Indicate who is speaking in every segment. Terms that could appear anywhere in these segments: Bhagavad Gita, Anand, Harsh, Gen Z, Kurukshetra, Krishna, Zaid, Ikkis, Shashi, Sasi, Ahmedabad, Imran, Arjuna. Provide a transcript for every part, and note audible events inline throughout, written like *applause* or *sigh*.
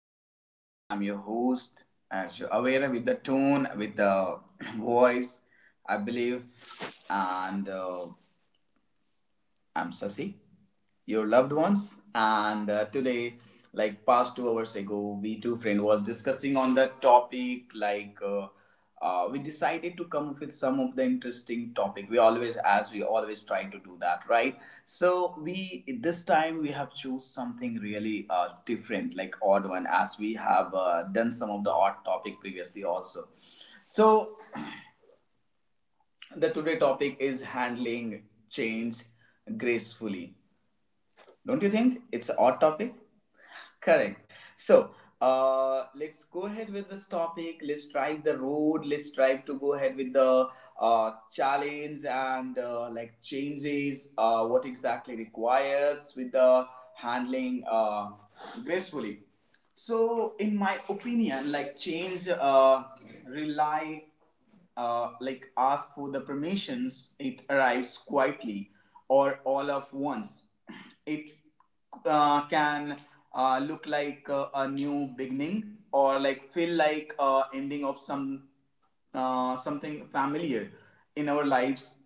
Speaker 1: friends. I'm your host, as you're aware with the tone, with the *clears throat* voice, I believe. And I'm Sasi, your loved ones, and today, like past 2 hours ago, we two friend was discussing on the topic. We decided to come up with some of the interesting topic. We always, as we always try to do that, right? So we this time we have choose something really different, like odd one, as we have done some of the odd topic previously also. So the today topic is handling change gracefully, don't you think it's an odd topic? Correct. So, let's go ahead with this topic. Let's drive the road. Let's try to go ahead with the challenge and like changes. What exactly requires with the handling gracefully. So, in my opinion, like change rely, like ask for the permissions, it arrives quietly or all at once. *clears throat* It can look like a new beginning or like feel like ending of some something familiar in our lives.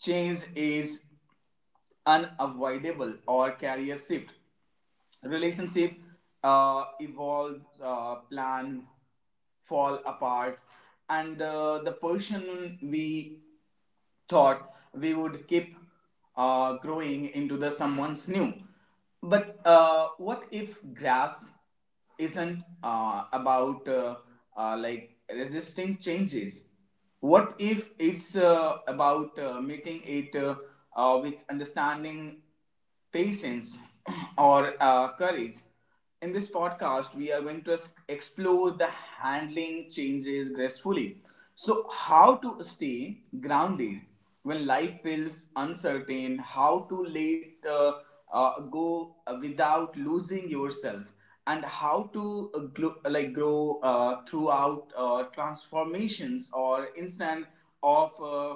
Speaker 1: Change is unavoidable, or career shift, relationship evolves, plan, fall apart, and the person we thought we would keep growing into the someone's new. But what if grass isn't about like resisting changes? What if it's about meeting it with understanding, patience, *clears throat* or courage. In this podcast, we are going to explore the handling changes gracefully. So, how to stay grounded when life feels uncertain, how to let go without losing yourself, and how to like grow throughout transformations or instant of.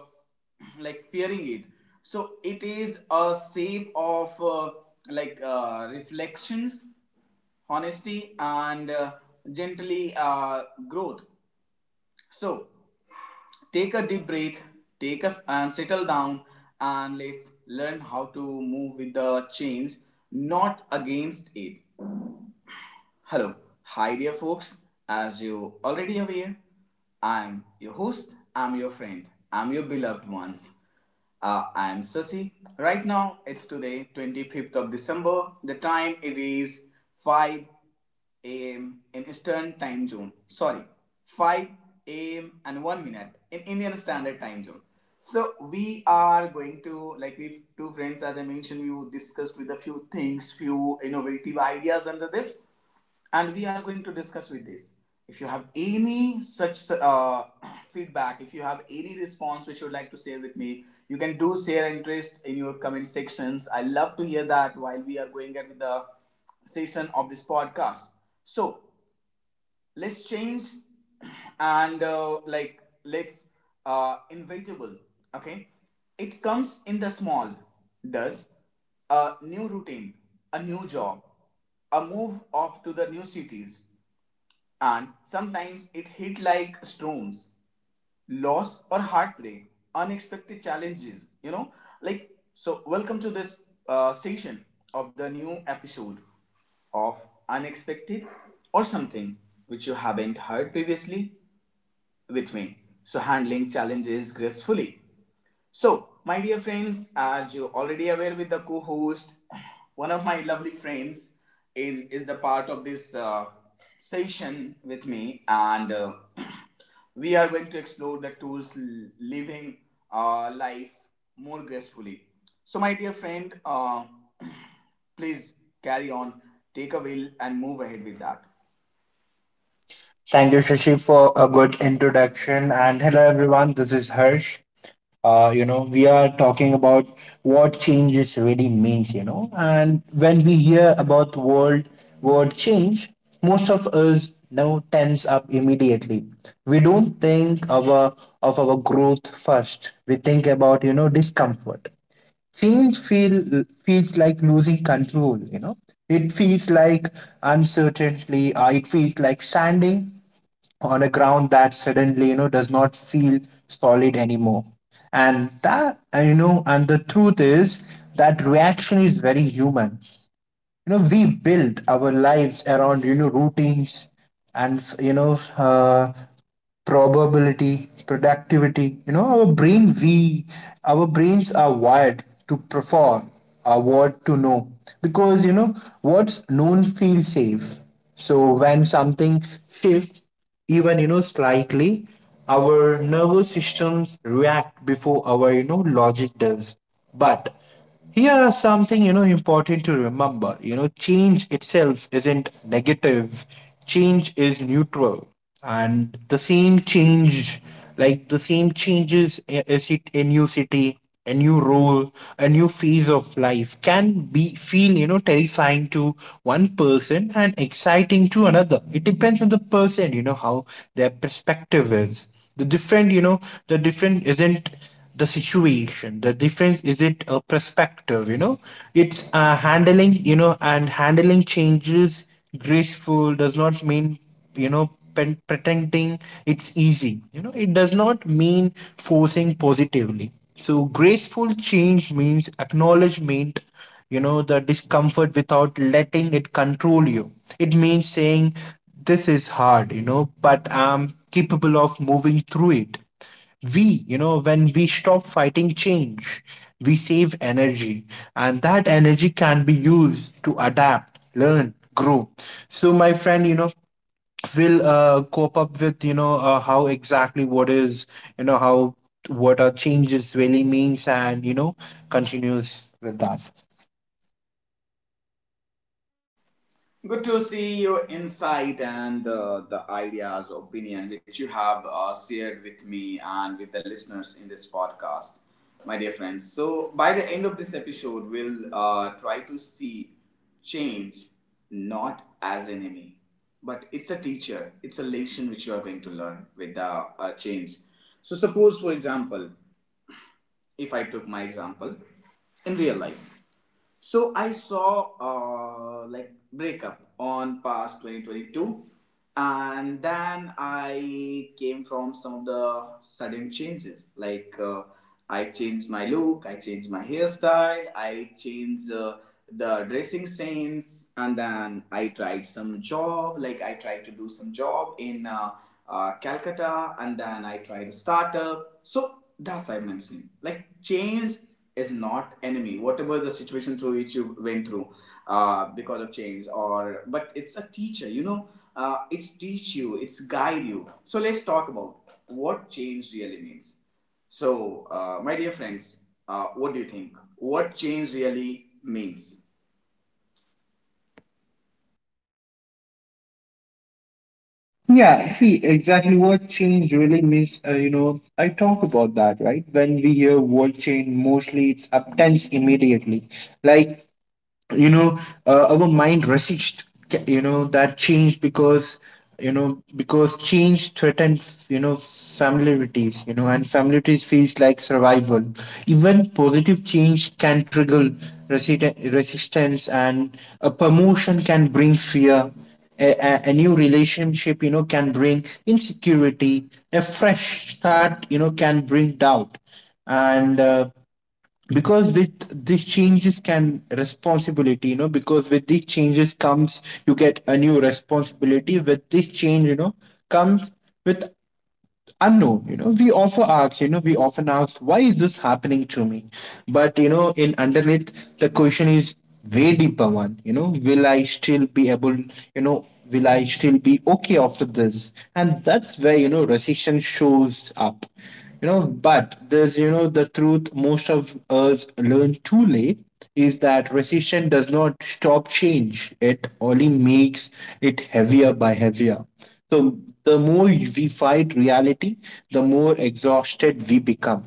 Speaker 1: Like fearing it, so it is a shape of like reflections, honesty, and gently growth. So take a deep breath, take us and settle down, and let's learn how to move with the change, not against it. Hello, hi dear folks. As you already aware, I'm your host, I'm your friend, I'm your beloved ones. I'm Sasi. Right now, it's today, 25th of December. The time it is 5 a.m. in Eastern Time Zone. Sorry, 5 a.m. and 1 minute in Indian Standard Time Zone. So we are going to, like, we two friends, as I mentioned, we discussed with a few things, few innovative ideas under this, and we are going to discuss with this. If you have any such *coughs* feedback, if you have any response which you would like to share with me, you can do share interest in your comment sections. I love to hear that while we are going at with the session of this podcast. So let's change *coughs* and like let's inevitable. Okay, it comes in the small does, a new routine, a new job, a move off to the new cities, and sometimes it hit like storms, loss or heartbreak, unexpected challenges, you know? Like, so welcome to this session of the new episode of Unexpected or something which you haven't heard previously with me. So, handling challenges gracefully. So, my dear friends, as you already aware with the co-host, one of my lovely friends in is the part of this session with me, and *clears throat* we are going to explore the tools living life more gracefully. So, my dear friend, *clears throat* please carry on, take a will, and move ahead with that.
Speaker 2: Thank you, Shashi, for a good introduction. And hello, everyone. This is Harsh. We are talking about what changes really means. And when we hear about the world word change, most of us now tense up immediately. We don't think of of our growth first. We think about, you know, discomfort. Change feels like losing control, you know. It feels like uncertainty. It feels like standing on a ground that suddenly, you know, does not feel solid anymore. And that you know and the truth is that reaction is very human. You know, we build our lives around, you know, routines and probability, productivity. You know, our brains are wired to perform, are what to know. Because, you know, what's known feels safe. So when something shifts, even, you know, slightly, our nervous systems react before our, you know, logic does. But here are something, you know, important to remember. You know, change itself isn't negative. Change is neutral, and the same change, like the same changes, a new city, a new role, a new phase of life can be feel, you know, terrifying to one person and exciting to another. It depends on the person, you know, how their perspective is. The different, you know, the different isn't the situation. The difference is it a perspective, you know. It's handling you know and handling changes graceful does not mean, you know, pretending it's easy. You know, it does not mean forcing positively. So graceful change means acknowledgement, you know, the discomfort without letting it control you. It means saying this is hard, you know, but I'm capable of moving through it. We you know when we stop fighting change, we save energy, and that energy can be used to adapt, learn, grow. So my friend, you know, will cope up with, how exactly what is, you know, how what are changes really means, and, you know, continues with that.
Speaker 1: Good to see your insight and the ideas, opinion which you have shared with me and with the listeners in this podcast, my dear friends. So, by the end of this episode, we'll try to see change not as enemy, but it's a teacher, it's a lesson which you are going to learn with the change. So, suppose for example, if I took my example in real life, so I saw like breakup on past 2022, and then I came from some of the sudden changes. I changed my look, I changed my hairstyle, I changed the dressing sense, and then I tried some job. Like I tried to do some job in Calcutta, and then I tried a startup. So that's I mentioned. Like change is not enemy whatever the situation through which you went through because of change, or but it's a teacher, you know, it's teach you, it's guide you. So let's talk about what change really means. So, my dear friends, what do you think, what change really means?
Speaker 2: Yeah, see exactly what change really means. You know, I talk about that, right? When we hear world change, mostly it's intense immediately. Like, you know our mind resist, you know, that change because, you know, because change threatens, you know, familiarities, you know, and familiarities feels like survival. Even positive change can trigger resistance. And a promotion can bring fear, a new relationship, you know, can bring insecurity, a fresh start, you know, can bring doubt. And because with these changes can responsibility you know because with these changes comes, you get a new responsibility with this change, you know, comes with unknown. You know, we often ask why is this happening to me. But you know, in underneath, the question is way deeper one, you know. Will I still be able, you know, will I still be okay after this? And that's where, you know, recession shows up. You know, but there's, you know, the truth most of us learn too late is that resistance does not stop change. It only makes it heavier by heavier. So the more we fight reality, the more exhausted we become.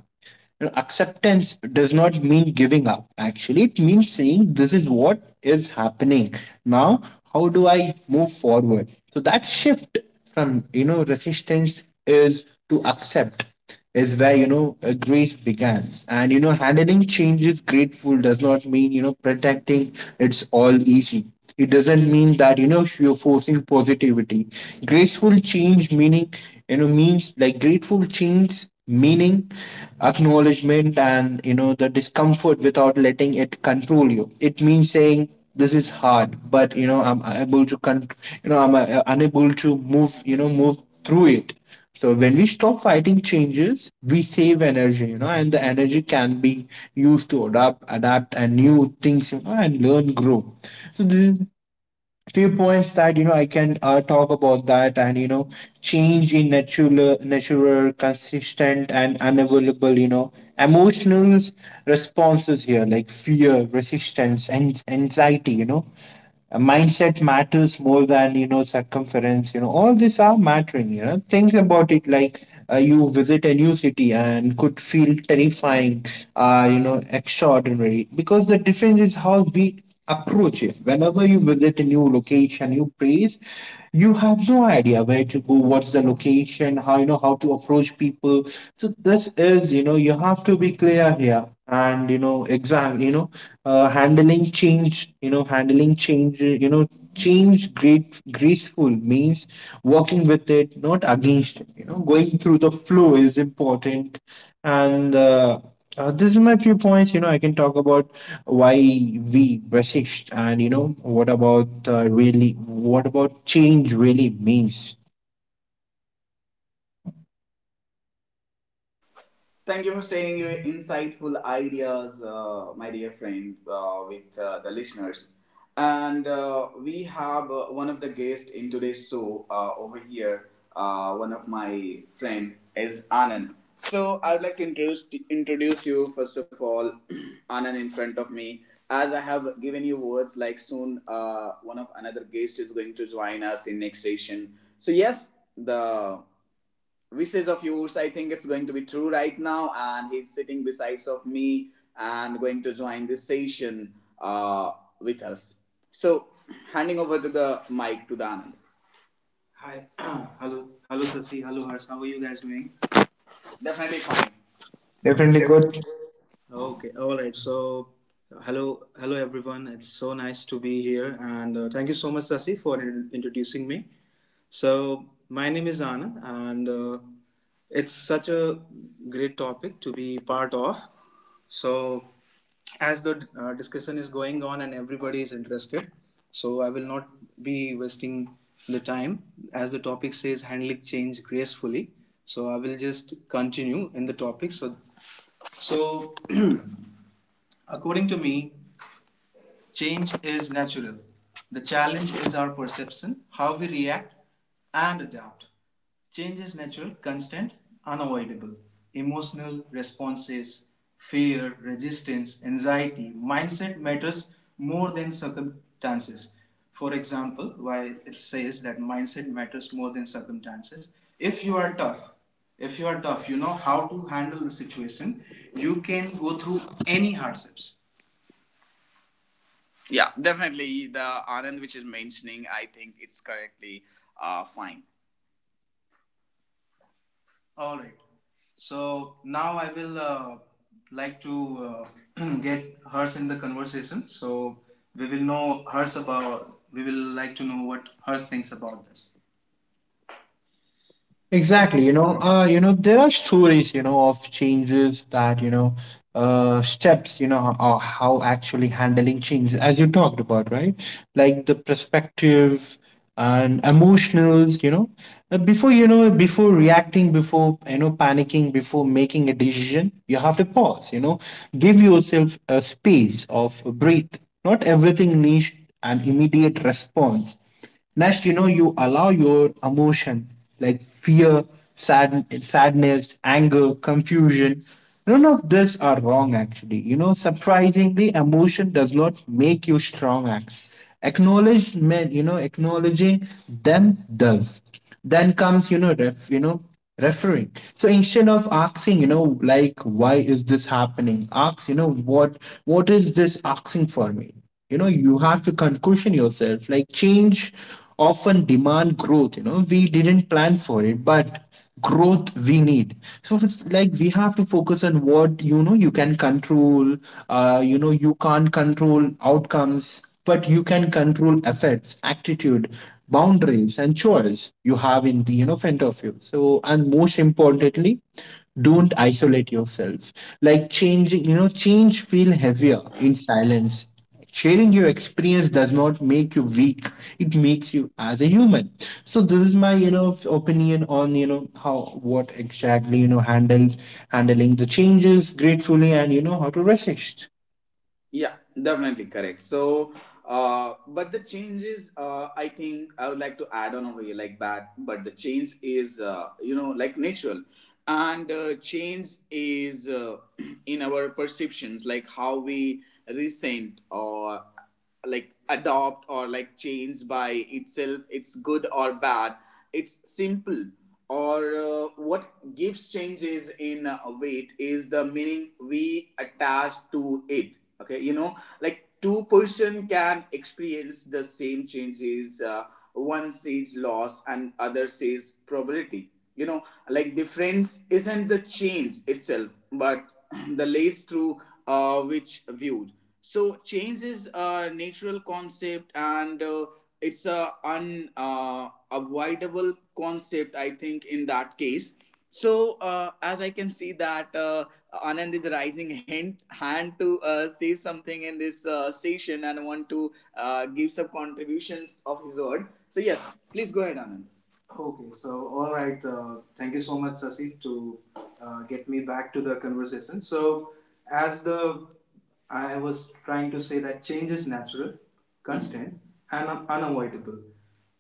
Speaker 2: You know, acceptance does not mean giving up. Actually, it means saying this is what is happening now. How do I move forward? So that shift from, you know, resistance is to accept is where, you know, grace begins. And you know, handling change is grateful does not mean, you know, protecting it's all easy. It doesn't mean that, you know, you're forcing positivity. Graceful change meaning, you know, means like grateful change meaning acknowledgement and, you know, the discomfort without letting it control you. It means saying this is hard, but you know, I'm able to con- you know, I'm unable to move you know move through it. So when we stop fighting changes, we save energy, you know, and the energy can be used to adapt and new things, you know, and learn, grow. So the few points that, you know, I can talk about that, and you know, change in natural, consistent, and unavailable, you know, emotional responses here like fear, resistance, and anxiety, you know, mindset matters more than, you know, circumference. You know, all these are mattering, you know, things about it. Like, you visit a new city and could feel terrifying, you know, extraordinary, because the difference is how we approach it. Whenever you visit a new location, new place, you have no idea where to go, what's the location, how, you know, how to approach people. So this is, you know, you have to be clear here, and you know exact, you know, handling change, you know, change great graceful means working with it, not against it. You know, going through the flow is important. And this is my few points, you know, I can talk about why we resist, and you know, what about really what about change really means.
Speaker 1: Thank you for sharing your insightful ideas, my dear friend, with the listeners. And we have one of the guests in today's show over here. One of my friend is Anand. So I would like to introduce you, first of all, *clears throat* Anand, in front of me. As I have given you words, like soon one of another guest is going to join us in next session. So yes, the wishes of yours, I think, is going to be true right now, and he's sitting besides of me and going to join this session uh, with us. So handing over to the mic to the Anand. Hi. *clears throat* Hello. Hello, Sasi. Hello, Harsh. How are you guys doing? Definitely fine.
Speaker 2: Definitely good.
Speaker 1: Okay. All right. So, hello. Hello, everyone. It's so nice to be here. And thank you so much, Sasi, for introducing me. So, my name is Anand, and it's such a great topic to be part of. So, as the discussion is going on and everybody is interested, so I will not be wasting the time. As the topic says, handling change gracefully. So, I will just continue in the topic. So, so *clears throat* according to me, change is natural. The challenge is our perception, how we react and adapt. Change is natural, constant, unavoidable. Emotional responses, fear, resistance, anxiety, mindset matters more than circumstances. For example, why it says that mindset matters more than circumstances. If you are tough, if you are tough, you know how to handle the situation, you can go through any hardships. Yeah, definitely. The Anand which is mentioning, I think it's correctly fine. All right. So now I will like to *clears throat* get hers in the conversation. So we will know hers about. We will like to know what hers thinks about this.
Speaker 2: Exactly, you know, there are stories, you know, of changes that, you know, steps, you know, or how actually handling changes, as you talked about, right? Like the perspective and emotionals, you know, before, you know, before reacting, before, you know, panicking, before making a decision, you have to pause, you know, give yourself a space of breathe. Not everything needs an immediate response. Next, you know, you allow your emotion like fear, sadness, anger, confusion. None of this are wrong actually. You know, surprisingly, emotion does not make you strong. Act. Acknowledgement, you know, acknowledging them does. Then comes, you know, referring. So instead of asking, you know, like why is this happening? Ask, you know, what is this asking for me? You know, you have to cushion yourself. Like change often demand growth, you know. We didn't plan for it, but growth we need. So it's like we have to focus on what, you know, you can control. You can't control outcomes, but you can control effects, attitude, boundaries, and choice you have in the, you know, front of you. So and most importantly, don't isolate yourself. Like change you know change feel heavier in silence. Sharing your experience does not make you weak. It makes you as a human. So this is my, you know, opinion on, you know, how what exactly, you know, handles handling the changes gratefully and, you know, how to resist.
Speaker 1: Yeah, definitely correct. So, but the change is, I think I would like to add on over here like that. But the change is, you know, like natural, and change is *clears throat* in our perceptions, like how we resent or like adopt, or like change by itself it's good or bad, it's simple, or what gives changes in weight is the meaning we attach to it. Okay, you know, like two-person can experience the same changes, one says loss and other says probability, you know, like difference isn't the change itself, but *clears throat* the lace through which viewed. So change is a natural concept, and it's a unavoidable concept, I think, in that case. So as I can see that Anand is rising hand to say something in this session and want to give some contributions of his word. So yes, please go ahead, Anand. Okay, so all right. Thank you so much, Sasi, to get me back to the conversation. So, as the I was trying to say that change is natural, constant, and unavoidable.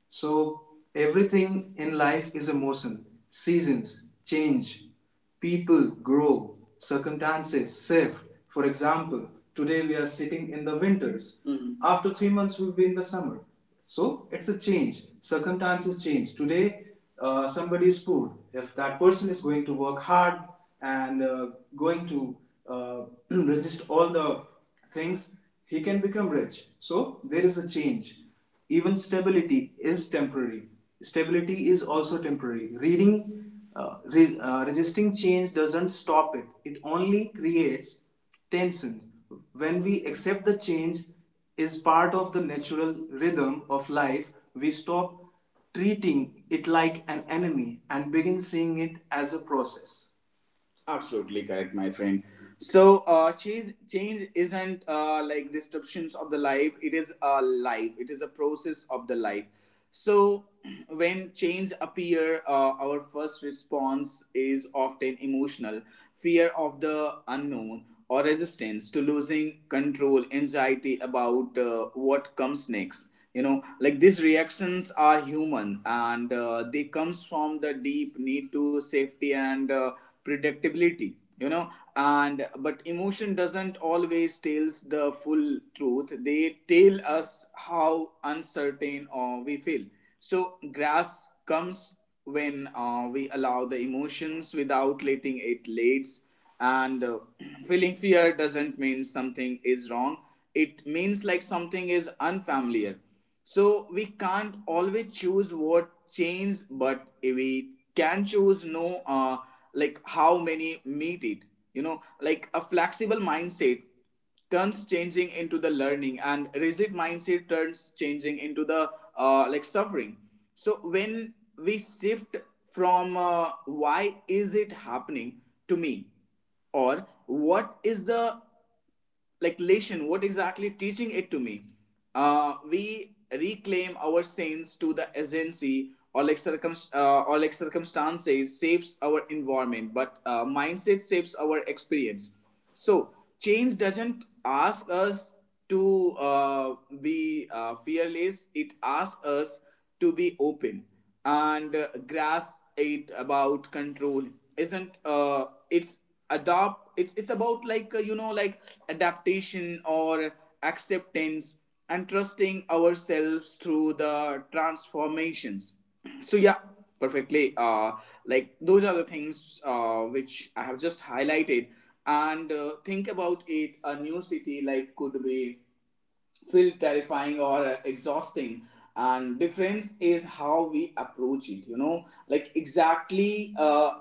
Speaker 1: So, everything in life is emotion, seasons, change. People grow, circumstances shift. For example, today we are sitting in the winters. Mhm. After 3 months, we'll be in the summer. So it's a change. Circumstances change. Today, somebody is poor. If that person is going to work hard and going to uh, *clears throat* resist all the things, he can become rich. So there is a change. Even stability is temporary. Stability is also temporary reading. Resisting change doesn't stop it, it only creates tension. When we accept the change is part of the natural rhythm of life, we stop treating it like an enemy and begin seeing it as a process. Absolutely correct, my friend. So, change isn't like disruptions of the life. It is a life. It is a process of the life. So, *clears throat* when change appear, our first response is often emotional, fear of the unknown, or resistance to losing control, anxiety about what comes next. You know, like these reactions are human, and they comes from the deep need to safety and predictability, you know. And but emotion doesn't always tells the full truth. They tell us how uncertain we feel. So grass comes when we allow the emotions without letting it leads. And *clears throat* feeling fear doesn't mean something is wrong. It means like something is unfamiliar. So we can't always choose what change, but we can choose no like how many meet it. You know, like a flexible mindset turns changing into the learning, and rigid mindset turns changing into the like suffering. So when we shift from why is it happening to me, or what is the like lesson what exactly teaching it to me, we reclaim our sense to the agency. Or like circum or like circumstances shapes our environment, but mindset shapes our experience. So change doesn't ask us to be fearless. It asks us to be open, and grasp it about control. Isn't It's adopt? It's about like you know like adaptation or acceptance, and trusting ourselves through the transformations. So yeah, perfectly like those are the things which I have just highlighted. And think about it, a new city like could be feel terrifying or exhausting, and difference is how we approach it, you know, like exactly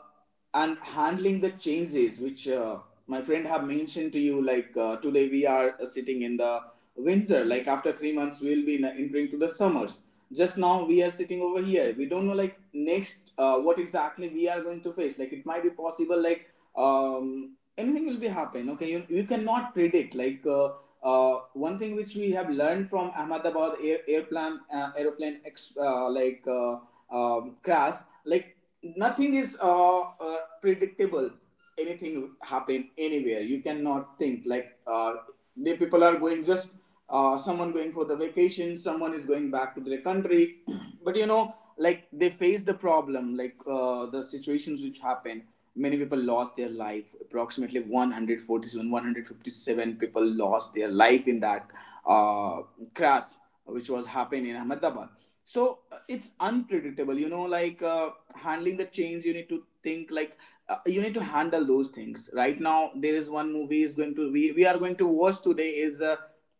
Speaker 1: and handling the changes which my friend have mentioned to you. Like today we are sitting in the winter. Like after 3 months we'll be entering to the summers. Just now we are sitting over here. We don't know like next what exactly we are going to face. Like it might be possible like anything will be happen, okay? You cannot predict like one thing which we have learned from Ahmedabad airplane aeroplane ex, like crash. Like nothing is predictable. Anything happen anywhere. You cannot think like the people are going just someone going for the vacation, someone is going back to their country. *clears throat* But you know, like they face the problem like the situations which happen. Many people lost their life, approximately 147 157 people lost their life in that uh, crash which was happening in Ahmedabad. So it's unpredictable, you know, like handling the change, you need to think like you need to handle those things right now. There is one movie is going to we are going to watch today is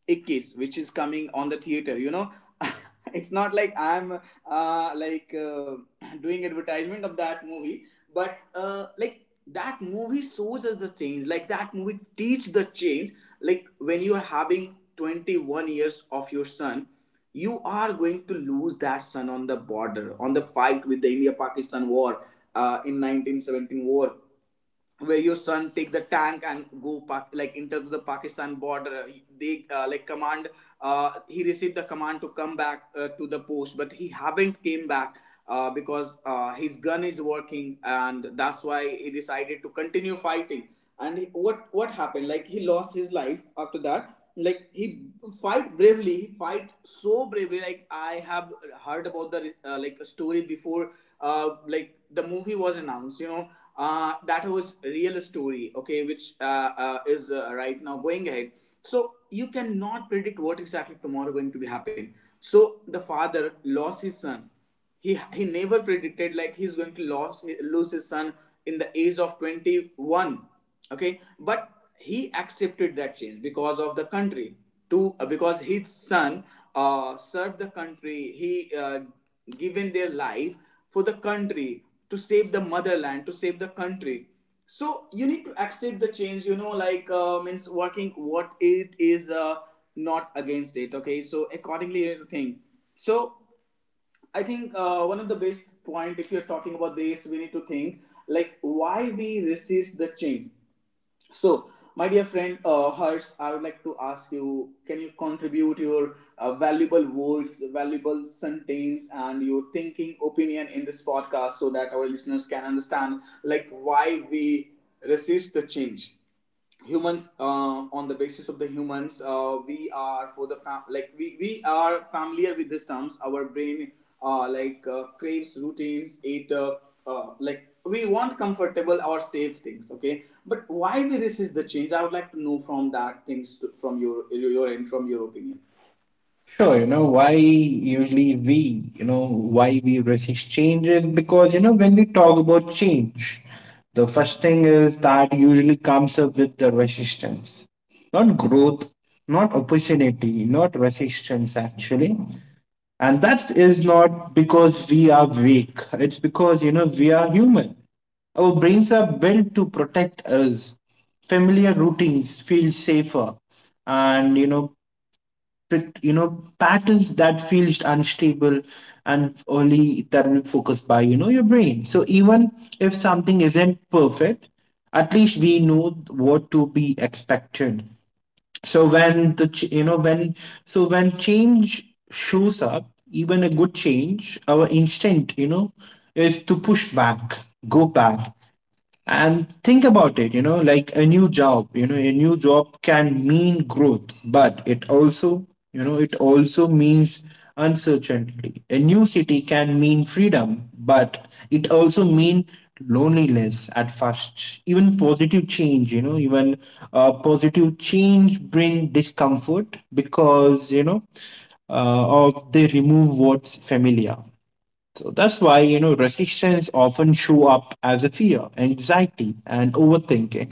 Speaker 1: Ikkis, which is coming on the theater. You know, *laughs* it's not like I'm uh, like uh, *clears throat* doing advertisement of that movie, but like that movie shows us the change. Like that movie teach the change. Like when you are having 21 years of your son, you are going to lose that son on the border, on the fight with the India-Pakistan war in 1917 war where your son take the tank and go like enter the Pakistan border. They like command he received the command to come back to the post, but he haven't came back because his gun is working, and that's why he decided to continue fighting. And what happened like he lost his life after that. Like he fight bravely, he fight so bravely. Like I have heard about the like a story before like the movie was announced, you know, that was real story, okay, which is right now going ahead. So you cannot predict what exactly tomorrow going to be happen. So the father lost his son. He never predicted like he's going to lose his son in the age of 21, okay, but he accepted that change because of the country. To because his son served the country. He given their life for the country, to save the motherland, to save the country. So you need to accept the change, you know, like means working what it is not against it, okay, so accordingly you need to think. So I think one of the best point, if you're talking about this, we need to think like why we resist the change. So, my dear friend Harsh, I would like to ask you: Can you contribute your valuable words, valuable sentence, and your thinking opinion in this podcast so that our listeners can understand like why we resist the change? Humans, on the basis of the humans, we are for the like we are familiar with these terms. Our brain craves routines. It like we want comfortable or safe things, okay? But why we resist the change? I would like to know from that from your end, from your opinion.
Speaker 2: Sure, you know, why usually we you know why we resist changes. Because, you know, when we talk about change, the first thing is that usually comes up with the resistance, not growth, not opportunity, not resistance, actually. And that is not because we are weak. It's because, you know, we are human. Our brains are built to protect us. Familiar routines feel safer, and you know, pat- you know patterns that feels unstable, and only that will be focused by, you know, your brain. So even if something isn't perfect, at least we know what to be expected. So when the ch- you know when so when change shows up, even a good change, our instinct, you know, is to push back, go back, and think about it. You know, like a new job, a new job can mean growth, but it also, you know, it also means uncertainty. A new city can mean freedom, but it also mean loneliness at first. Even positive change, you know even positive change bring discomfort because, you know, of they remove what's familiar. So that's why, you know, resistance often show up as a fear, anxiety, and overthinking.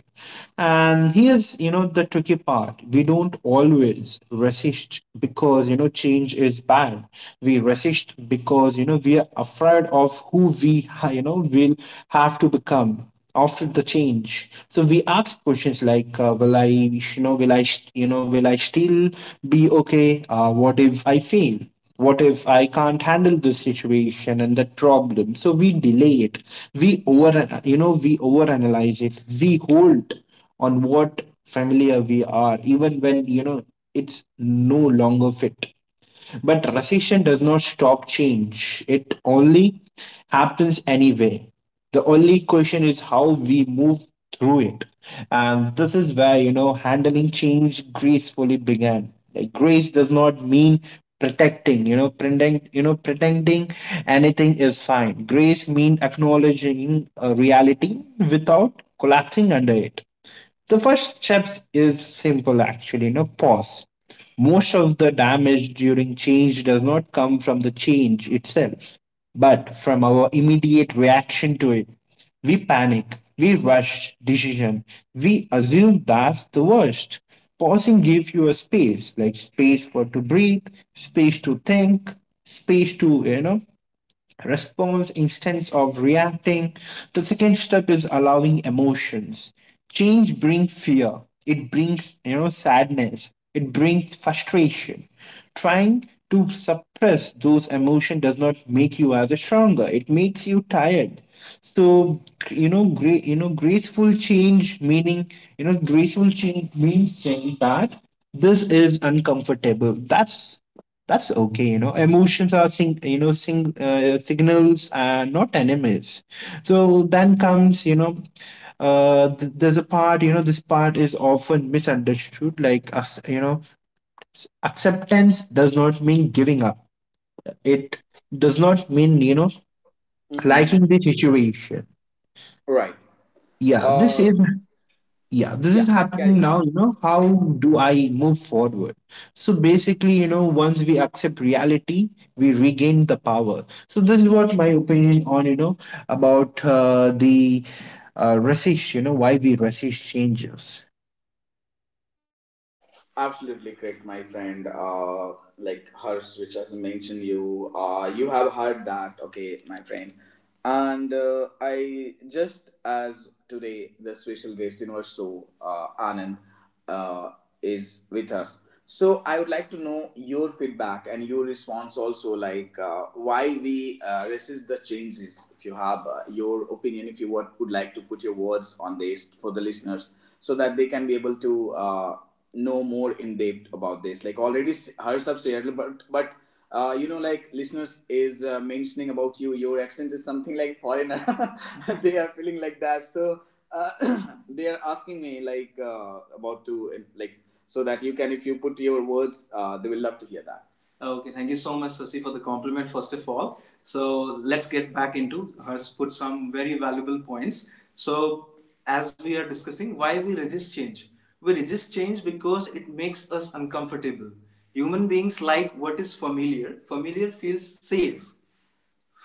Speaker 2: And here's, you know, the tricky part. We don't always resist because, you know, change is bad. We resist because, you know, we are afraid of who we, you know, will have to become after the change. So we ask questions like, will I, you know, you know, will I still be okay? What if I fail? What if I can't handle this situation and that problem? So we delay it. we over we overanalyze it. We hold on what familiar we are, even when, you know, it's no longer fit. But recession does not stop change. It only happens anyway. The only question is how we move through it. And this is where, you know, handling change gracefully began. Like grace does not mean protecting, you know, pretending anything is fine. Grace means acknowledging a reality without collapsing under it. The first step is simple actually, you know, pause. Most of the damage during change does not come from the change itself, but from our immediate reaction to it. We panic, we rush decision, we assume that's the worst. Pausing gives you a space, like space for to breathe, space to think, space to, response instead of reacting. The second step is allowing emotions. Change brings fear. It brings sadness. It brings frustration. Trying to suppress those emotions does not make you as a stronger. It makes you tired. So you know, great you know, graceful change meaning you know, graceful change means saying that this is uncomfortable. That's okay. Emotions are sing you know sing signals and not enemies. So then comes, there's a part, this part is often misunderstood, like us you know acceptance does not mean giving up. It does not mean
Speaker 1: Mm-hmm.
Speaker 2: liking the situation.
Speaker 1: Right.
Speaker 2: yeah this
Speaker 1: uh
Speaker 2: is yeah, this
Speaker 1: yeah,
Speaker 2: is
Speaker 1: carry
Speaker 2: happening
Speaker 1: on.
Speaker 2: now. How do I move forward? So basically, once we accept reality, we regain the power. So this is what my opinion on, you know about the, resist, why we resist changes.
Speaker 1: Absolutely correct, my friend. Like Hers, which has mentioned you, you have heard that, okay, my friend. And I just as today, the special guest in our show, Anand, uh, is with us. So I would like to know your feedback and your response also, like why we resist the changes. If you have your opinion, if would like to put your words on this for the listeners, so that they can be able to. Know more in depth about this. Like already hers, but you know, like listeners is mentioning about you, your accent is something like foreigner. *laughs* They are feeling like that, so uh, *coughs* *clears throat* they are asking me like about to like, so that you can, if you put your words, they will love to hear that. Okay, thank you so much, Sasi, for the compliment, first of all. So let's get back into has put some very valuable points. So as we are discussing why we resist change. We resist change because it makes us uncomfortable. Human beings like what is familiar. Familiar feels safe.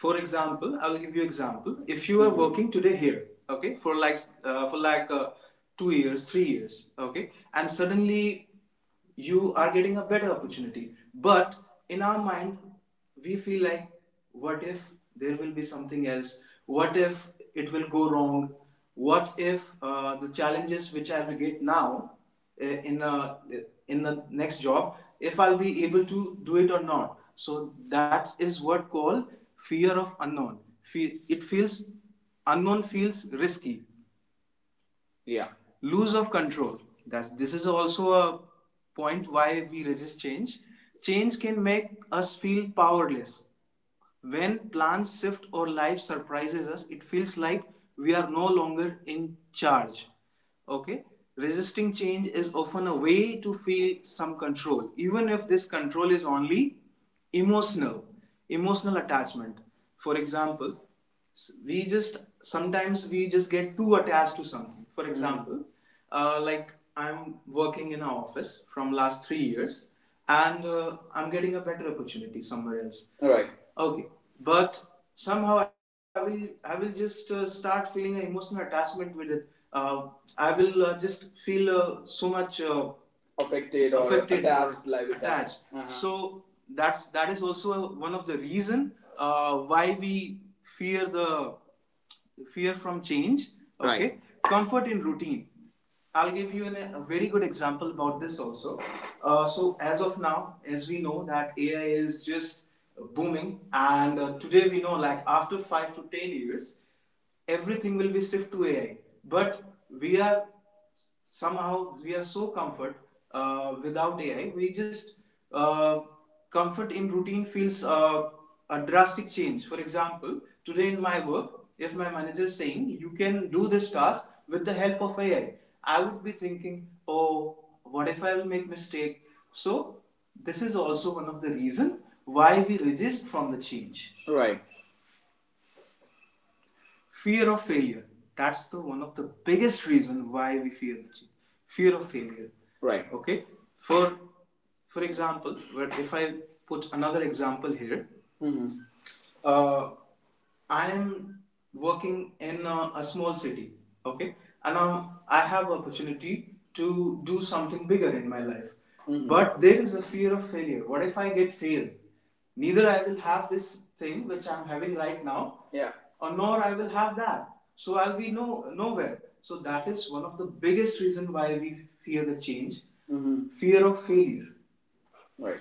Speaker 1: For example, I will give you example. If you are working today here, okay, for like 2 years, 3 years, okay, and suddenly you are getting a better opportunity. But in our mind, we feel like, what if there will be something else? What if it will go wrong? What if the challenges which I will get now uh, in a, in the next job, if I'll be able to do it or not. So that is what called fear of unknown. It feels unknown feels risky, yeah. Lose of control, that's this is also a point why we resist change. Change can make us feel powerless. When plans shift or life surprises us, it feels like we are no longer in charge, okay? Resisting change is often a way to feel some control, even if this control is only emotional. Emotional attachment, for example, we just sometimes we just get too attached to something. For example, like I'm working in an office from last 3 years, and I'm getting a better opportunity somewhere else. All right. Okay, but somehow I will just start feeling an emotional attachment with it. uh, I will just feel so much affected, or affected attached or liability. Attached. Uh-huh. So that is also one of the reason why we fear the fear from change. Okay. Right. Comfort in routine. I'll give you a very good example about this also. So as of now, as we know that AI is just booming, and today we know like after 5 to 10 years, everything will be shift to AI. But we are somehow we are so comfort without AI. We just uh, comfort in routine feels a drastic change. For example, today in my work, if my manager is saying you can do this task with the help of AI, I would be thinking, oh, what if I will make mistake? So this is also one of the reason why we resist from the change. Right. Fear of failure, that's the one of the biggest reason why we fear the change. Fear of failure. Right. Okay. For for example, but if I put another example here, uh, I am working in a small city, okay, and now I have opportunity to do something bigger in my life. Mhm. But there is a fear of failure. What if I get fail? Neither I will have this thing which I'm having right now, yeah, or nor I will have that. So I'll be no nowhere. So that is one of the biggest reason why we fear the change. Mhm. Fear of failure. Right.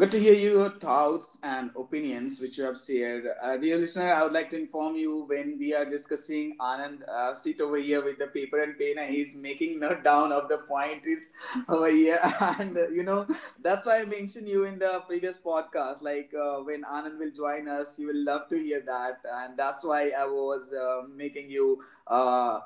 Speaker 1: Good to hear your thoughts and opinions which you have shared. Dear listener, I would like to inform you when we are discussing Anand, sit over here with the paper and pen, and he's making note down of the point is over here. *laughs* And that's why I mentioned you in the previous podcast. Like when Anand will join us, you will love to hear that. And that's why I was making you. Uh,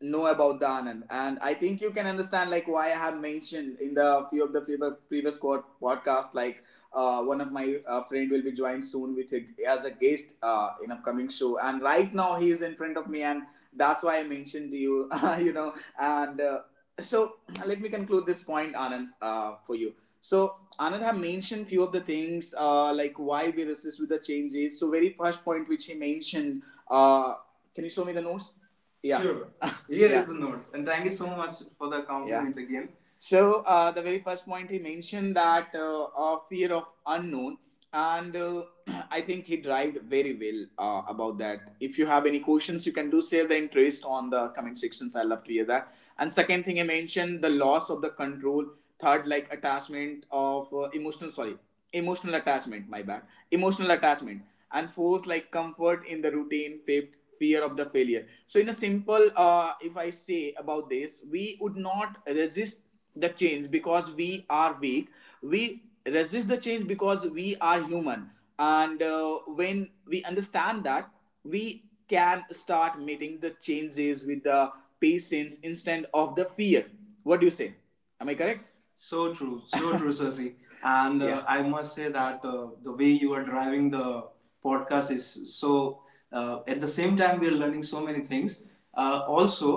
Speaker 1: know about the Anand. And I think you can understand like why I have mentioned in the few of the previous podcast like one of my friend will be joined soon with as a guest in upcoming show. And right now he is in front of me, and that's why I mentioned to you. *laughs* you know, and so let me conclude this point, Anand, for you. So Anand have mentioned few of the things like why we resist with the changes. So very first point which he mentioned. Uh, can you show me the notes? Yeah. Sure. Here *laughs* is Yeah. is the notes. And thank you so much for the compliment, yeah, again. So the very first point he mentioned that fear of unknown, and *clears throat* I think he derived very well about that. If you have any questions, you can do share the interest on the comment sections. I love to hear that. And second thing I mentioned the loss of the control. Third, like attachment of emotional, sorry, emotional attachment. My bad, emotional attachment. And fourth, like comfort in the routine. Fifth, fear of the failure. So in a simple, if I say about this, we would not resist the change because we are weak, we resist the change because we are human, and when we understand that, we can start meeting the changes with the patience instead of the fear. What do you say? Am I correct? So true, so *laughs* true, Sasi. And yeah, I must say that the way you are driving the podcast is so. At the same time, we are learning so many things. Also,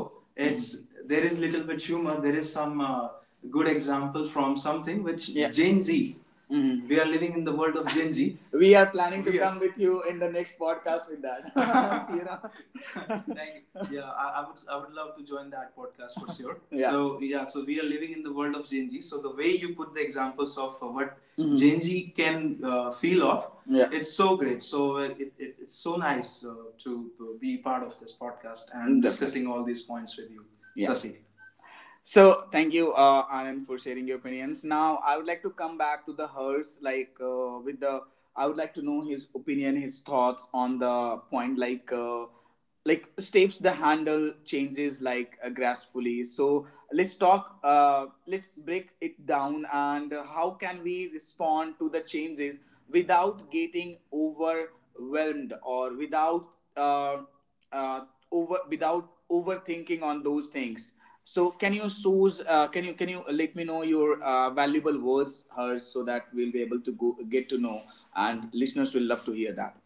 Speaker 1: it's, mhm, there is little bit humor. There is some good example from something which, yeah, Gen Z. Mhm. We are living in the world of Gen Z. *laughs* We are planning to we come with you in the next podcast with that. *laughs* you know. *laughs* Like, yeah, I would love to join that podcast for sure. Yeah. So yeah, so we are living in the world of Gen Z. So the way you put the examples of what, mhm, Gen Z can feel of, yeah, it's so great. So it's so nice to be part of this podcast and, definitely, discussing all these points with you, yeah, Sasi. So thank you, Anand, for sharing your opinions. Now I would like to come back to the hers, like with the. I would like to know his opinion, his thoughts on the point, like steps the handle changes like gracefully. So let's talk. Let's break it down and how can we respond to the changes without getting overwhelmed or without. Uh, uh, over without overthinking on those things. So can you source? Can you let me know your valuable words, hers, so that we'll be able to go get to know, and listeners will love to hear that.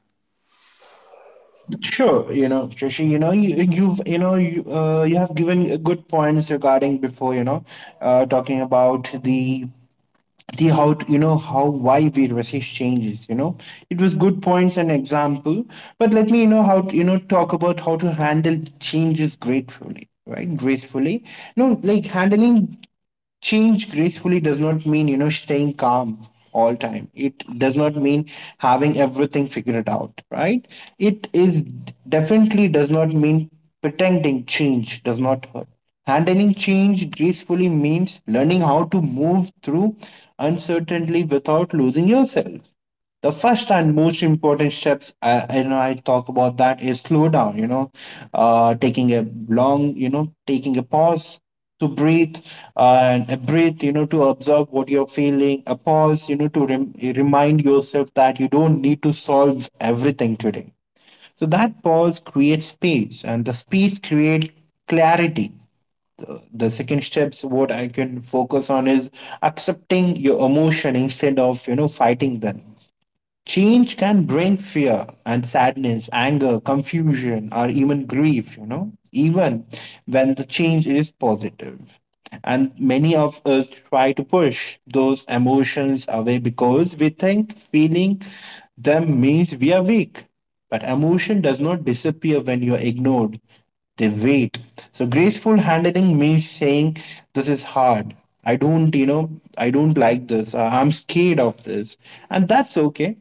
Speaker 2: Sure, Shashi, you know, you, you've, you know, you, you have given good points regarding before, talking about the, see how t- you know how why we resist changes, it was good points and example. But let me, you know how to, you know talk about how to handle changes gratefully, gracefully. No like Handling change gracefully does not mean, staying calm all time. It does not mean having everything figured out, right? It is definitely does not mean pretending change does not hurt. Handling change gracefully means learning how to move through uncertainty without losing yourself. The first and most important steps, I know I talk about, that is slow down, taking a long, taking a pause to breathe, and a breath, to observe what you're feeling, a pause, remind yourself that you don't need to solve everything today. So that pause creates space and the space creates clarity. The second steps, what I can focus on is accepting your emotion instead of, fighting them. Change can bring fear and sadness, anger, confusion, or even grief, even when the change is positive. And many of us try to push those emotions away because we think feeling them means we are weak. But emotion does not disappear when you are ignored, they wait. So graceful handling means saying, this is hard. I don't like this. I'm scared of this. And that's okay.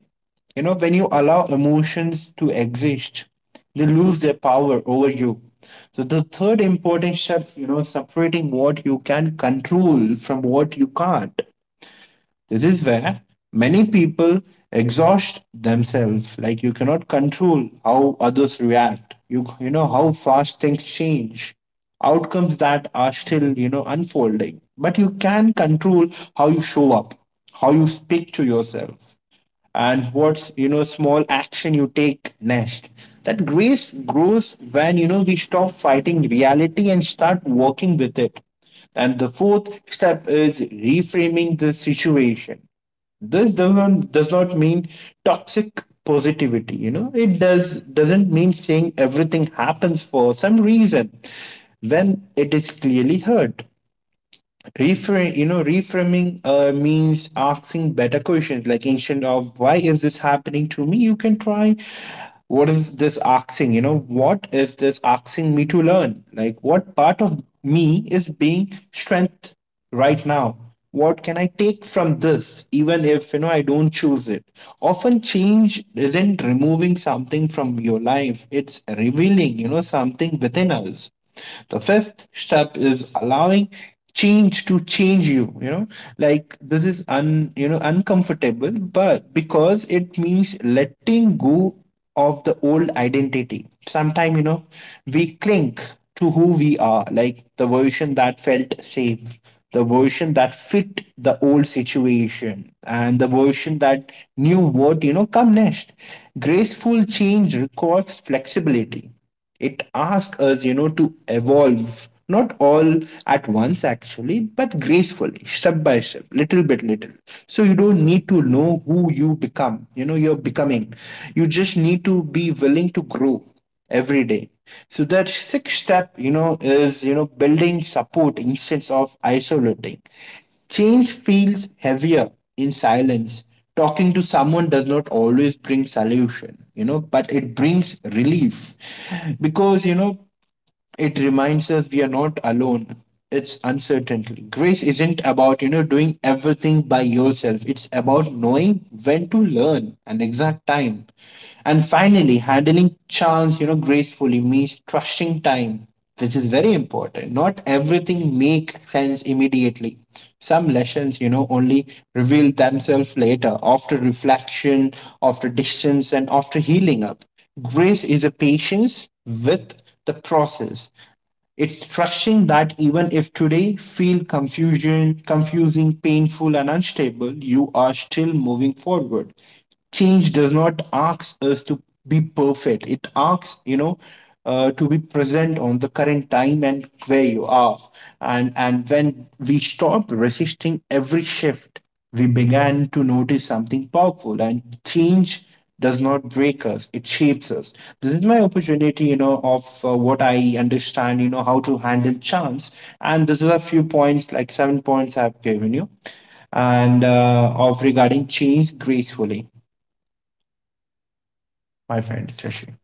Speaker 2: When you allow emotions to exist, they lose their power over you. So the third important step, separating what you can control from what you can't. This is where many people exhaust themselves. Like you cannot control how others react, how fast things change, outcomes that are still, unfolding. But you can control how you show up, how you speak to yourself, and what's, small action you take next. That grace grows when, we stop fighting reality and start working with it. And the fourth step is reframing the situation. This does not mean toxic positivity. It doesn't mean saying everything happens for some reason when it is clearly heard. Reframe you know reframing means asking better questions, like instead of why is this happening to me, you can try what is this asking, what is this asking me to learn, like what part of me is being strength right now, what can I take from this, even if, I don't choose it. Often change isn't removing something from your life, it's revealing, something within us. The fifth step is allowing change to change you you know Like this is un you know uncomfortable, but because it means letting go of the old identity. Sometimes, we cling to who we are, like the version that felt safe, the version that fit the old situation, and the version that knew what, come next. Graceful change requires flexibility. It asks us, to evolve, not all at once actually, but gracefully, step by step, little bit, little. So you don't need to know who you you're becoming. You just need to be willing to grow every day. So that sixth step, is building support instead of isolating. Change feels heavier in silence. Talking to someone does not always bring solution, but it brings relief because, it reminds us we are not alone. It's uncertainty. Grace isn't about, doing everything by yourself. It's about knowing when to learn an exact time. And finally, handling chance, gracefully means trusting time, which is very important. Not everything make sense immediately. Some lessons, only reveal themselves later, after reflection, after distance, and after healing up. Grace is a patience with the process, it's trusting that even if today feel confusing, painful, and unstable, you are still moving forward. Change does not ask us to be perfect. It asks, to be present on the current time and where you are. And when we stop resisting every shift, we began to notice something powerful, and change does not break us, it shapes us. This is my opportunity, you know of what I understand, how to handle chance, and this is a few points, like 7 points I've given you, and of regarding change gracefully, my friend Shashi.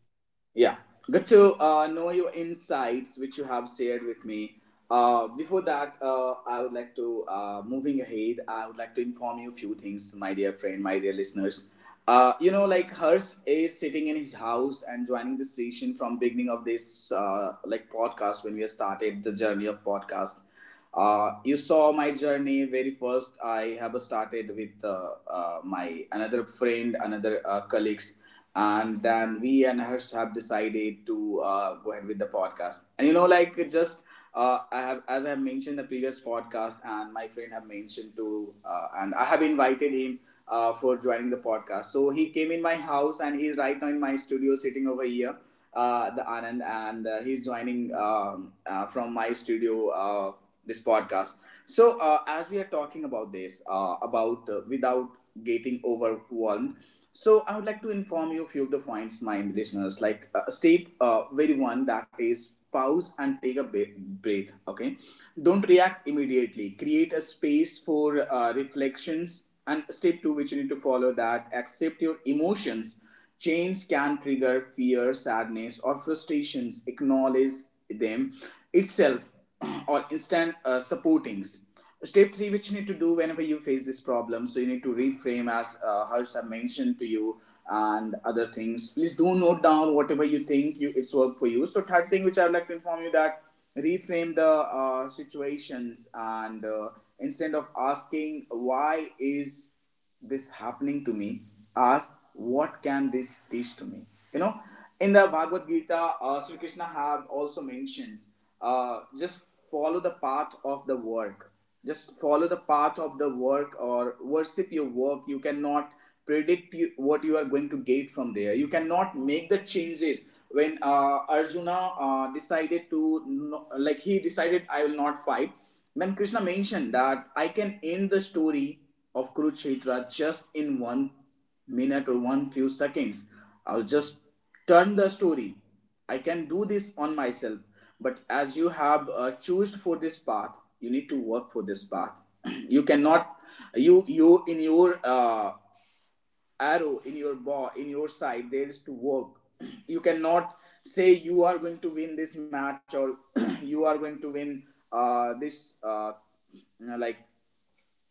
Speaker 1: Yeah, good to know your insights which you have shared with me. Before that, I would like to moving ahead. I would like to inform you a few things, my dear friend, my dear listeners. You know, like Hers is sitting in his house and joining the session from beginning of this like podcast when we started the journey of podcast. You saw my journey very first. I have started with my another friend, another colleagues, and then we and hers have decided to go ahead with the podcast. And you know, like it just I have as I have mentioned in the previous podcast, and my friend have mentioned to, and I have invited him for joining the podcast. So he came in my house, and he's right now in my studio, sitting over here the Anand, and he's joining from my studio. This podcast. So, as we are talking about this, about without getting overwhelmed, so I would like to inform you a few of the points, my listeners. Like step very one, that is pause and take a breath. Okay, don't react immediately. Create a space for reflections. And step two, which you need to follow, that accept your emotions. Chains can trigger fear, sadness, or frustrations. Acknowledge them itself *clears throat* or instant supportings. Step three, which you need to do whenever you face this problem, so you need to reframe as Harsh have mentioned to you and other things. Please do note down whatever you think you it's work for you. So third thing, which I'd like to inform you that reframe the situations and instead of asking why is this happening to me, ask what can this teach to me. You know, in the Bhagavad Gita, Sri Krishna have also mentions, just follow the path of the work, just follow the path of the work or worship your work. You cannot predict you, what you are going to get from there. You cannot make the changes. When Arjuna decided to no, like he decided I will not fight, then Krishna mentioned that I can end the story of Kurukshetra just in 1 minute or one few seconds. I'll just turn the story. I can do this on myself. But as you have choose for this path, you need to work for this path. *clears throat* you cannot you in your arrow in your bow in your side there is to work. *clears throat* you cannot say you are going to win this match or *clears throat* you are going to win this like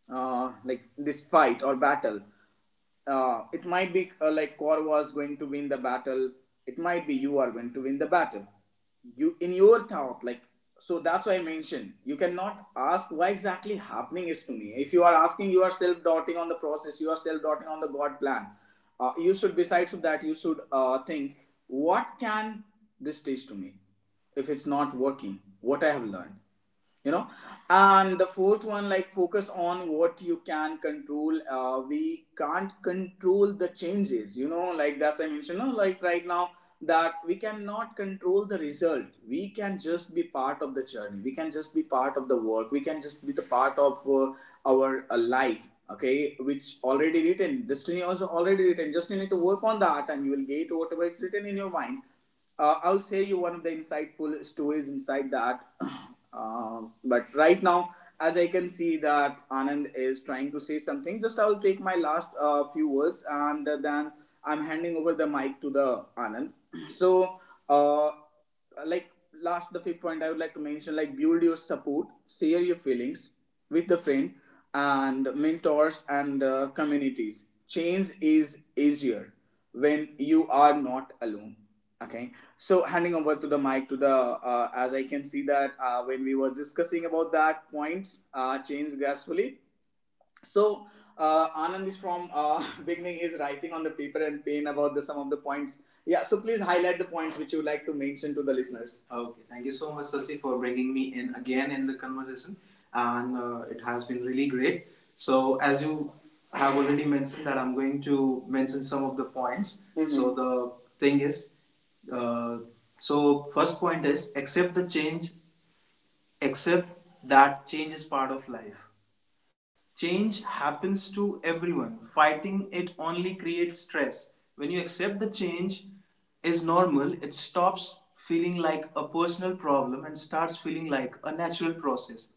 Speaker 1: like this fight or battle. It might be like Korva is going to win the battle. It might be you are going to win the battle. You in your thought, like so. That's why I mentioned you cannot ask why exactly happening is to me. If you are asking, you are self doubting on the process. You are self doubting on the God plan. You should besides of that, you should think what can this teach to me if it's not working. What I have learned, you know. And the fourth one, like focus on what you can control. We can't control the changes, you know, like that's I mentioned no? Like right now that we cannot control the result, we can just be part of the journey, we can just be part of the work, we can just be the part of our life. Okay, which already written, destiny also already written, just you need to work on that and you will get whatever is written in your mind. I'll share you one of the insightful stories inside that. *clears throat* But right now, as I can see that Anand is trying to say something, just I'll take my last few words and then I'm handing over the mic to the Anand. *clears throat* So uh, like last the fifth point I would like to mention like build your support, share your feelings with the friend and mentors and communities. Change is easier when you are not alone. Okay, so handing over to the mic to the as I can see that when we were discussing about that points, change gracefully. So Anand is from *laughs* beginning is writing on the paper and pen about the some of the points. Yeah, so please highlight the points which you like to mention to the listeners. Okay, thank you so much, Sasi, for bringing me in again in the conversation, and it has been really great. So, as you have already mentioned, that I'm going to mention some of the points. Mhm. So the thing is, uh, so first point is accept the change, accept that change is part of life. Change happens to everyone. Fighting it only creates stress. When you accept the change is normal, it stops feeling like a personal problem and starts feeling like a natural process.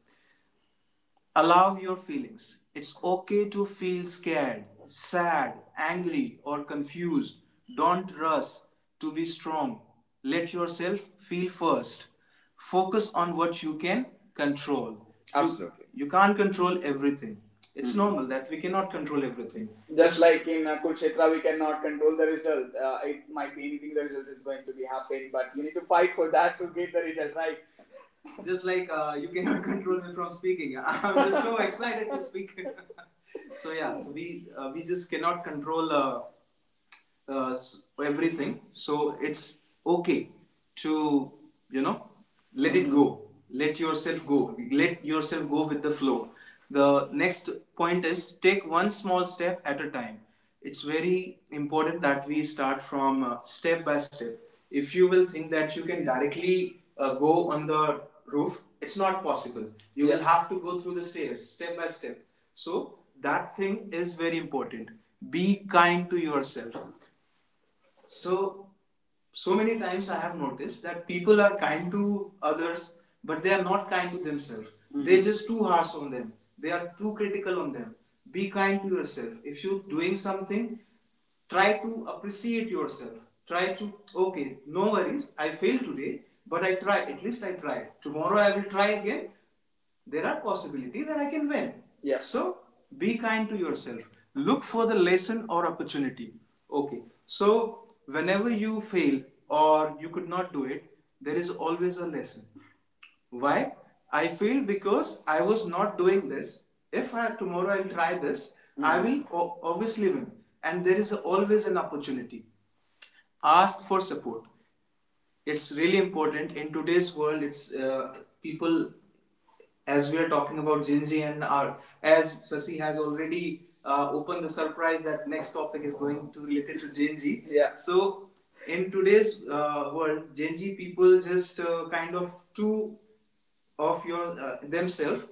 Speaker 1: Allow your feelings. It's okay to feel scared, sad, angry, or confused. Don't rush to be strong. Let yourself feel first. Focus on what you can control. Absolutely. You can't control everything. It's, mhm, normal that we cannot control everything. Just like in Kurukshetra, we cannot control the result. It might be anything, the result is going to be happening, but you need to fight for that to get the result, right? *laughs* Just like you cannot *laughs* control me from speaking. *laughs* I'm just so *laughs* excited to speak. *laughs* So we just cannot control uh, everything, so it's okay to you know let it go, let yourself go, let yourself go with the flow. The next point is take one small step at a time. It's very important that we start from step by step. If you will think that you can directly go on the roof, it's not possible. You, yeah, will have to go through the stairs step by step. So that thing is very important. Be kind to yourself. So, so many times I have noticed that people are kind to others, but they are not kind to themselves. Mm-hmm. They're just too harsh on them. They are too critical on them. Be kind to yourself. If you're doing something, try to appreciate yourself, try to, okay, no worries, I failed today, but I try. At least I tried. Tomorrow I will try again. There are possibilities that I can win. Yeah. So be kind to yourself. Look for the lesson or opportunity. Okay. So whenever you fail or you could not do it, there is always a lesson. Why? I failed because I was not doing this. If I, tomorrow I'll try this, mm-hmm, I will obviously win. And there is always an opportunity. Ask for support. It's really important in today's world. It's People, as we are talking about Gen Z, and our, as Sasi has already opened the surprise that next topic is going to related to Gen Z. Yeah. So in today's world, Gen Z people just kind of too of your themselves,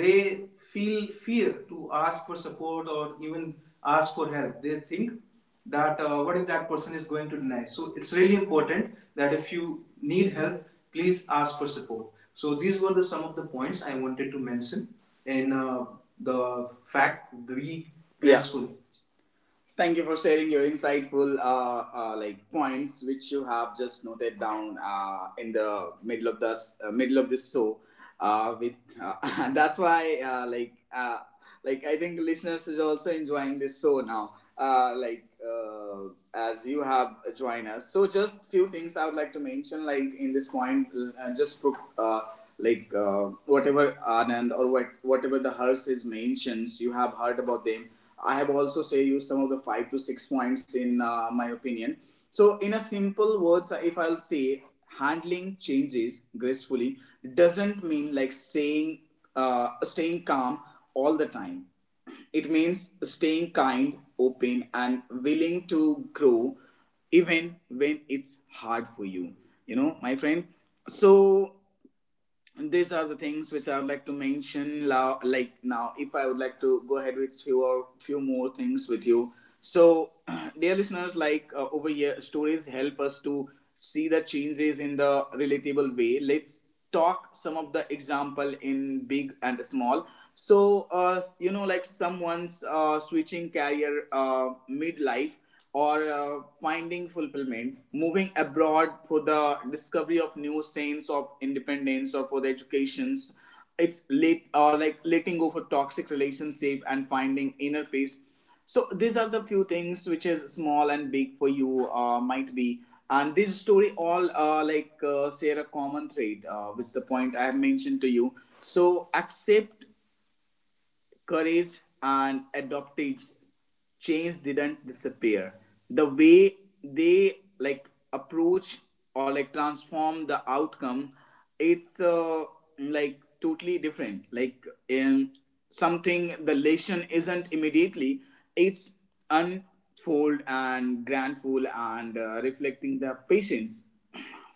Speaker 1: they feel fear to ask for support or even ask for help. They think that what if that person is going to deny. So it's really important that if you need help, please ask for support. So these were the some of the points I wanted to mention. In the fact, be graceful. Yeah. Thank you for sharing your insightful like points which you have just noted down in the middle of this middle of this show. With uh, *laughs* that's why I think listeners is also enjoying this show now. As you have joined us, so just few things I would like to mention. Like in this point, just pro- like whatever Anand or whatever the Hers is mentions, you have heard about them. I have also say used some of the 5 to 6 points in my opinion. So in a simple words, if I'll say handling changes gracefully doesn't mean like staying staying calm all the time. It means staying kind, open, and willing to grow even when it's hard for you. You know, my friend. So these are the things which I would like to mention. Like now, if I would like to go ahead with few or few more things with you. So, *clears throat* dear listeners, over here, stories help us to see the changes in the relatable way. Let's talk some of the example in big and small. So, you know, like someone's switching career midlife or finding fulfillment, moving abroad for the discovery of new sense of independence or for the educations, it's late, or like letting go for toxic relationship and finding inner peace. So these are the few things which is small and big for you might be. And this story all share a common thread, which the point I have mentioned to you. So accept courage and adoptees, change didn't disappear. The way they like approach or like transform the outcome, it's like totally different. Like in something the lesson isn't immediately, it's unfold and grandful and reflecting the patience.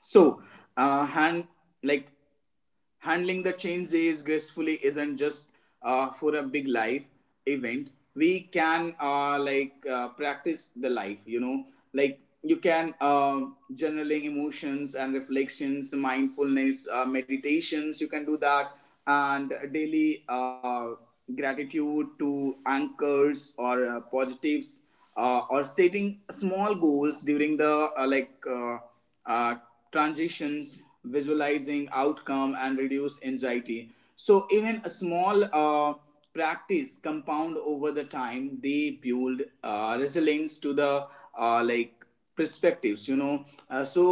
Speaker 1: So and like handling the changes gracefully isn't just for a big life event. We can practice the life, you know. Like you can journaling emotions and reflections, mindfulness meditations, you can do that, and daily gratitude to anchors or positives, or setting small goals during the uh, transitions, visualizing outcome and reduce anxiety. So even a small practice compound over the time, they build resilience to the uh, like perspectives, you know. So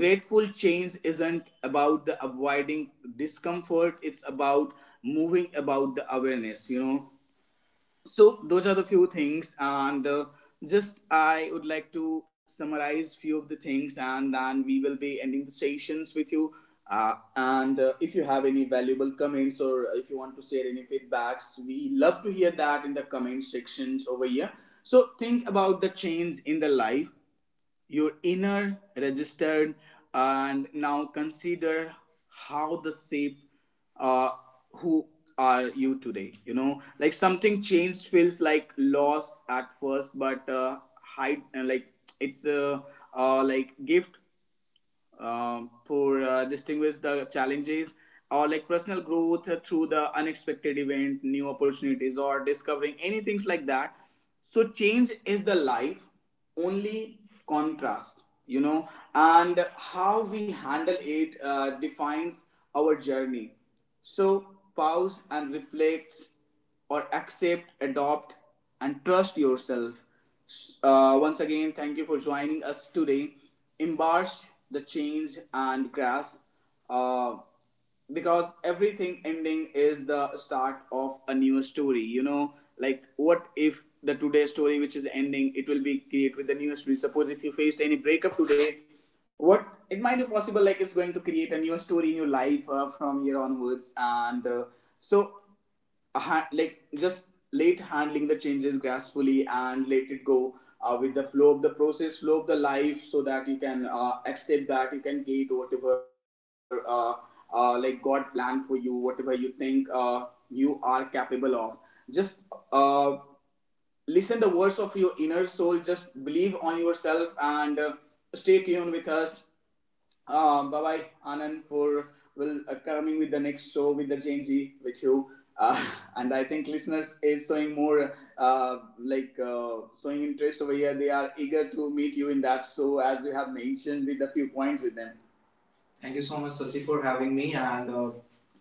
Speaker 1: grateful change isn't about the avoiding discomfort. It's about moving about the awareness, you know. So those are the few things, and just I would like to summarize few of the things and then we will be ending the sessions with you. And if you have any valuable comments or if you want to share any feedbacks, we love to hear that in the comment sections over here. So think about the change in the life, your inner registered, and now consider how the shape, uh, who are you today, you know. Like something changed feels like loss at first, but hide , it's a like gift, for distinguish the challenges or like personal growth through the unexpected event, new opportunities, or discovering anything like that. So change is the life, only contrast, you know, and how we handle it defines our journey. So pause and reflect or accept, adopt, and trust yourself. Once again, thank you for joining us today. Embrace the change and grasp, uh, because everything ending is the start of a new story. You know, like what if the today story which is ending, it will be create with the new story. Suppose if you faced any breakup today, what, it might be possible like it's going to create a new story in your life from here onwards, and so a ha- like just late handling the changes gracefully and let it go with the flow of the process, flow of the life, so that you can accept that you can get whatever god planned for you, whatever you think you are capable of. Just uh, listen the words of your inner soul, just believe on yourself, and stay tuned with us. Bye bye, Anand, for will coming with the next show with the Genji with you. Uh, *laughs* and I think listeners is showing more showing interest over here. They are eager to meet you in that show as you have mentioned with a few points with them. Thank you so much, Sasi, for having me. And uh,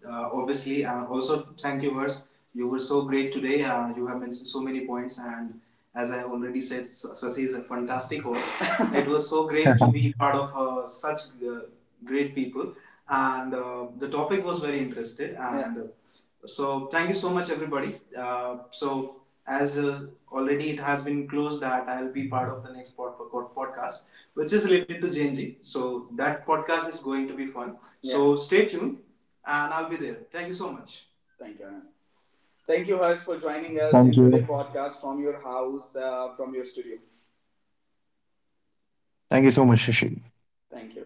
Speaker 1: uh, obviously, also thank you, Hers. You were so great today. You have mentioned so many points. And as I already said, Sasi is a fantastic host. *laughs* It was so great to
Speaker 2: *laughs*
Speaker 1: be part of such great people. And the topic was very interesting. And so thank you so much, everybody. So as already it has been closed that I'll be part of the next podcast, which is related to Genji. So that podcast is going to be fun. Yeah. So stay tuned, and I'll be there. Thank you so much. Thank you. Thank you, Harsh, for joining
Speaker 2: Thank
Speaker 1: us in
Speaker 2: you.
Speaker 1: today's podcast from your house, from your studio.
Speaker 2: Thank you so much, Shashi.
Speaker 1: Thank you.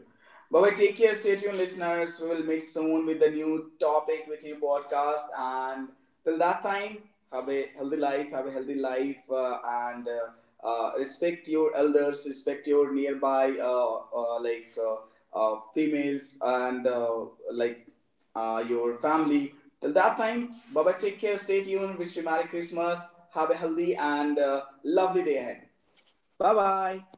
Speaker 1: Bye bye. Take care. Stay tuned, listeners. We will meet soon with the new topic, with new podcast. And till that time, have a healthy life. Have a healthy life and respect your elders. Respect your nearby, females and like your family. Till that time, bye bye. Take care. Stay tuned. Wish you Merry Christmas. Have a healthy and lovely day ahead. Bye bye.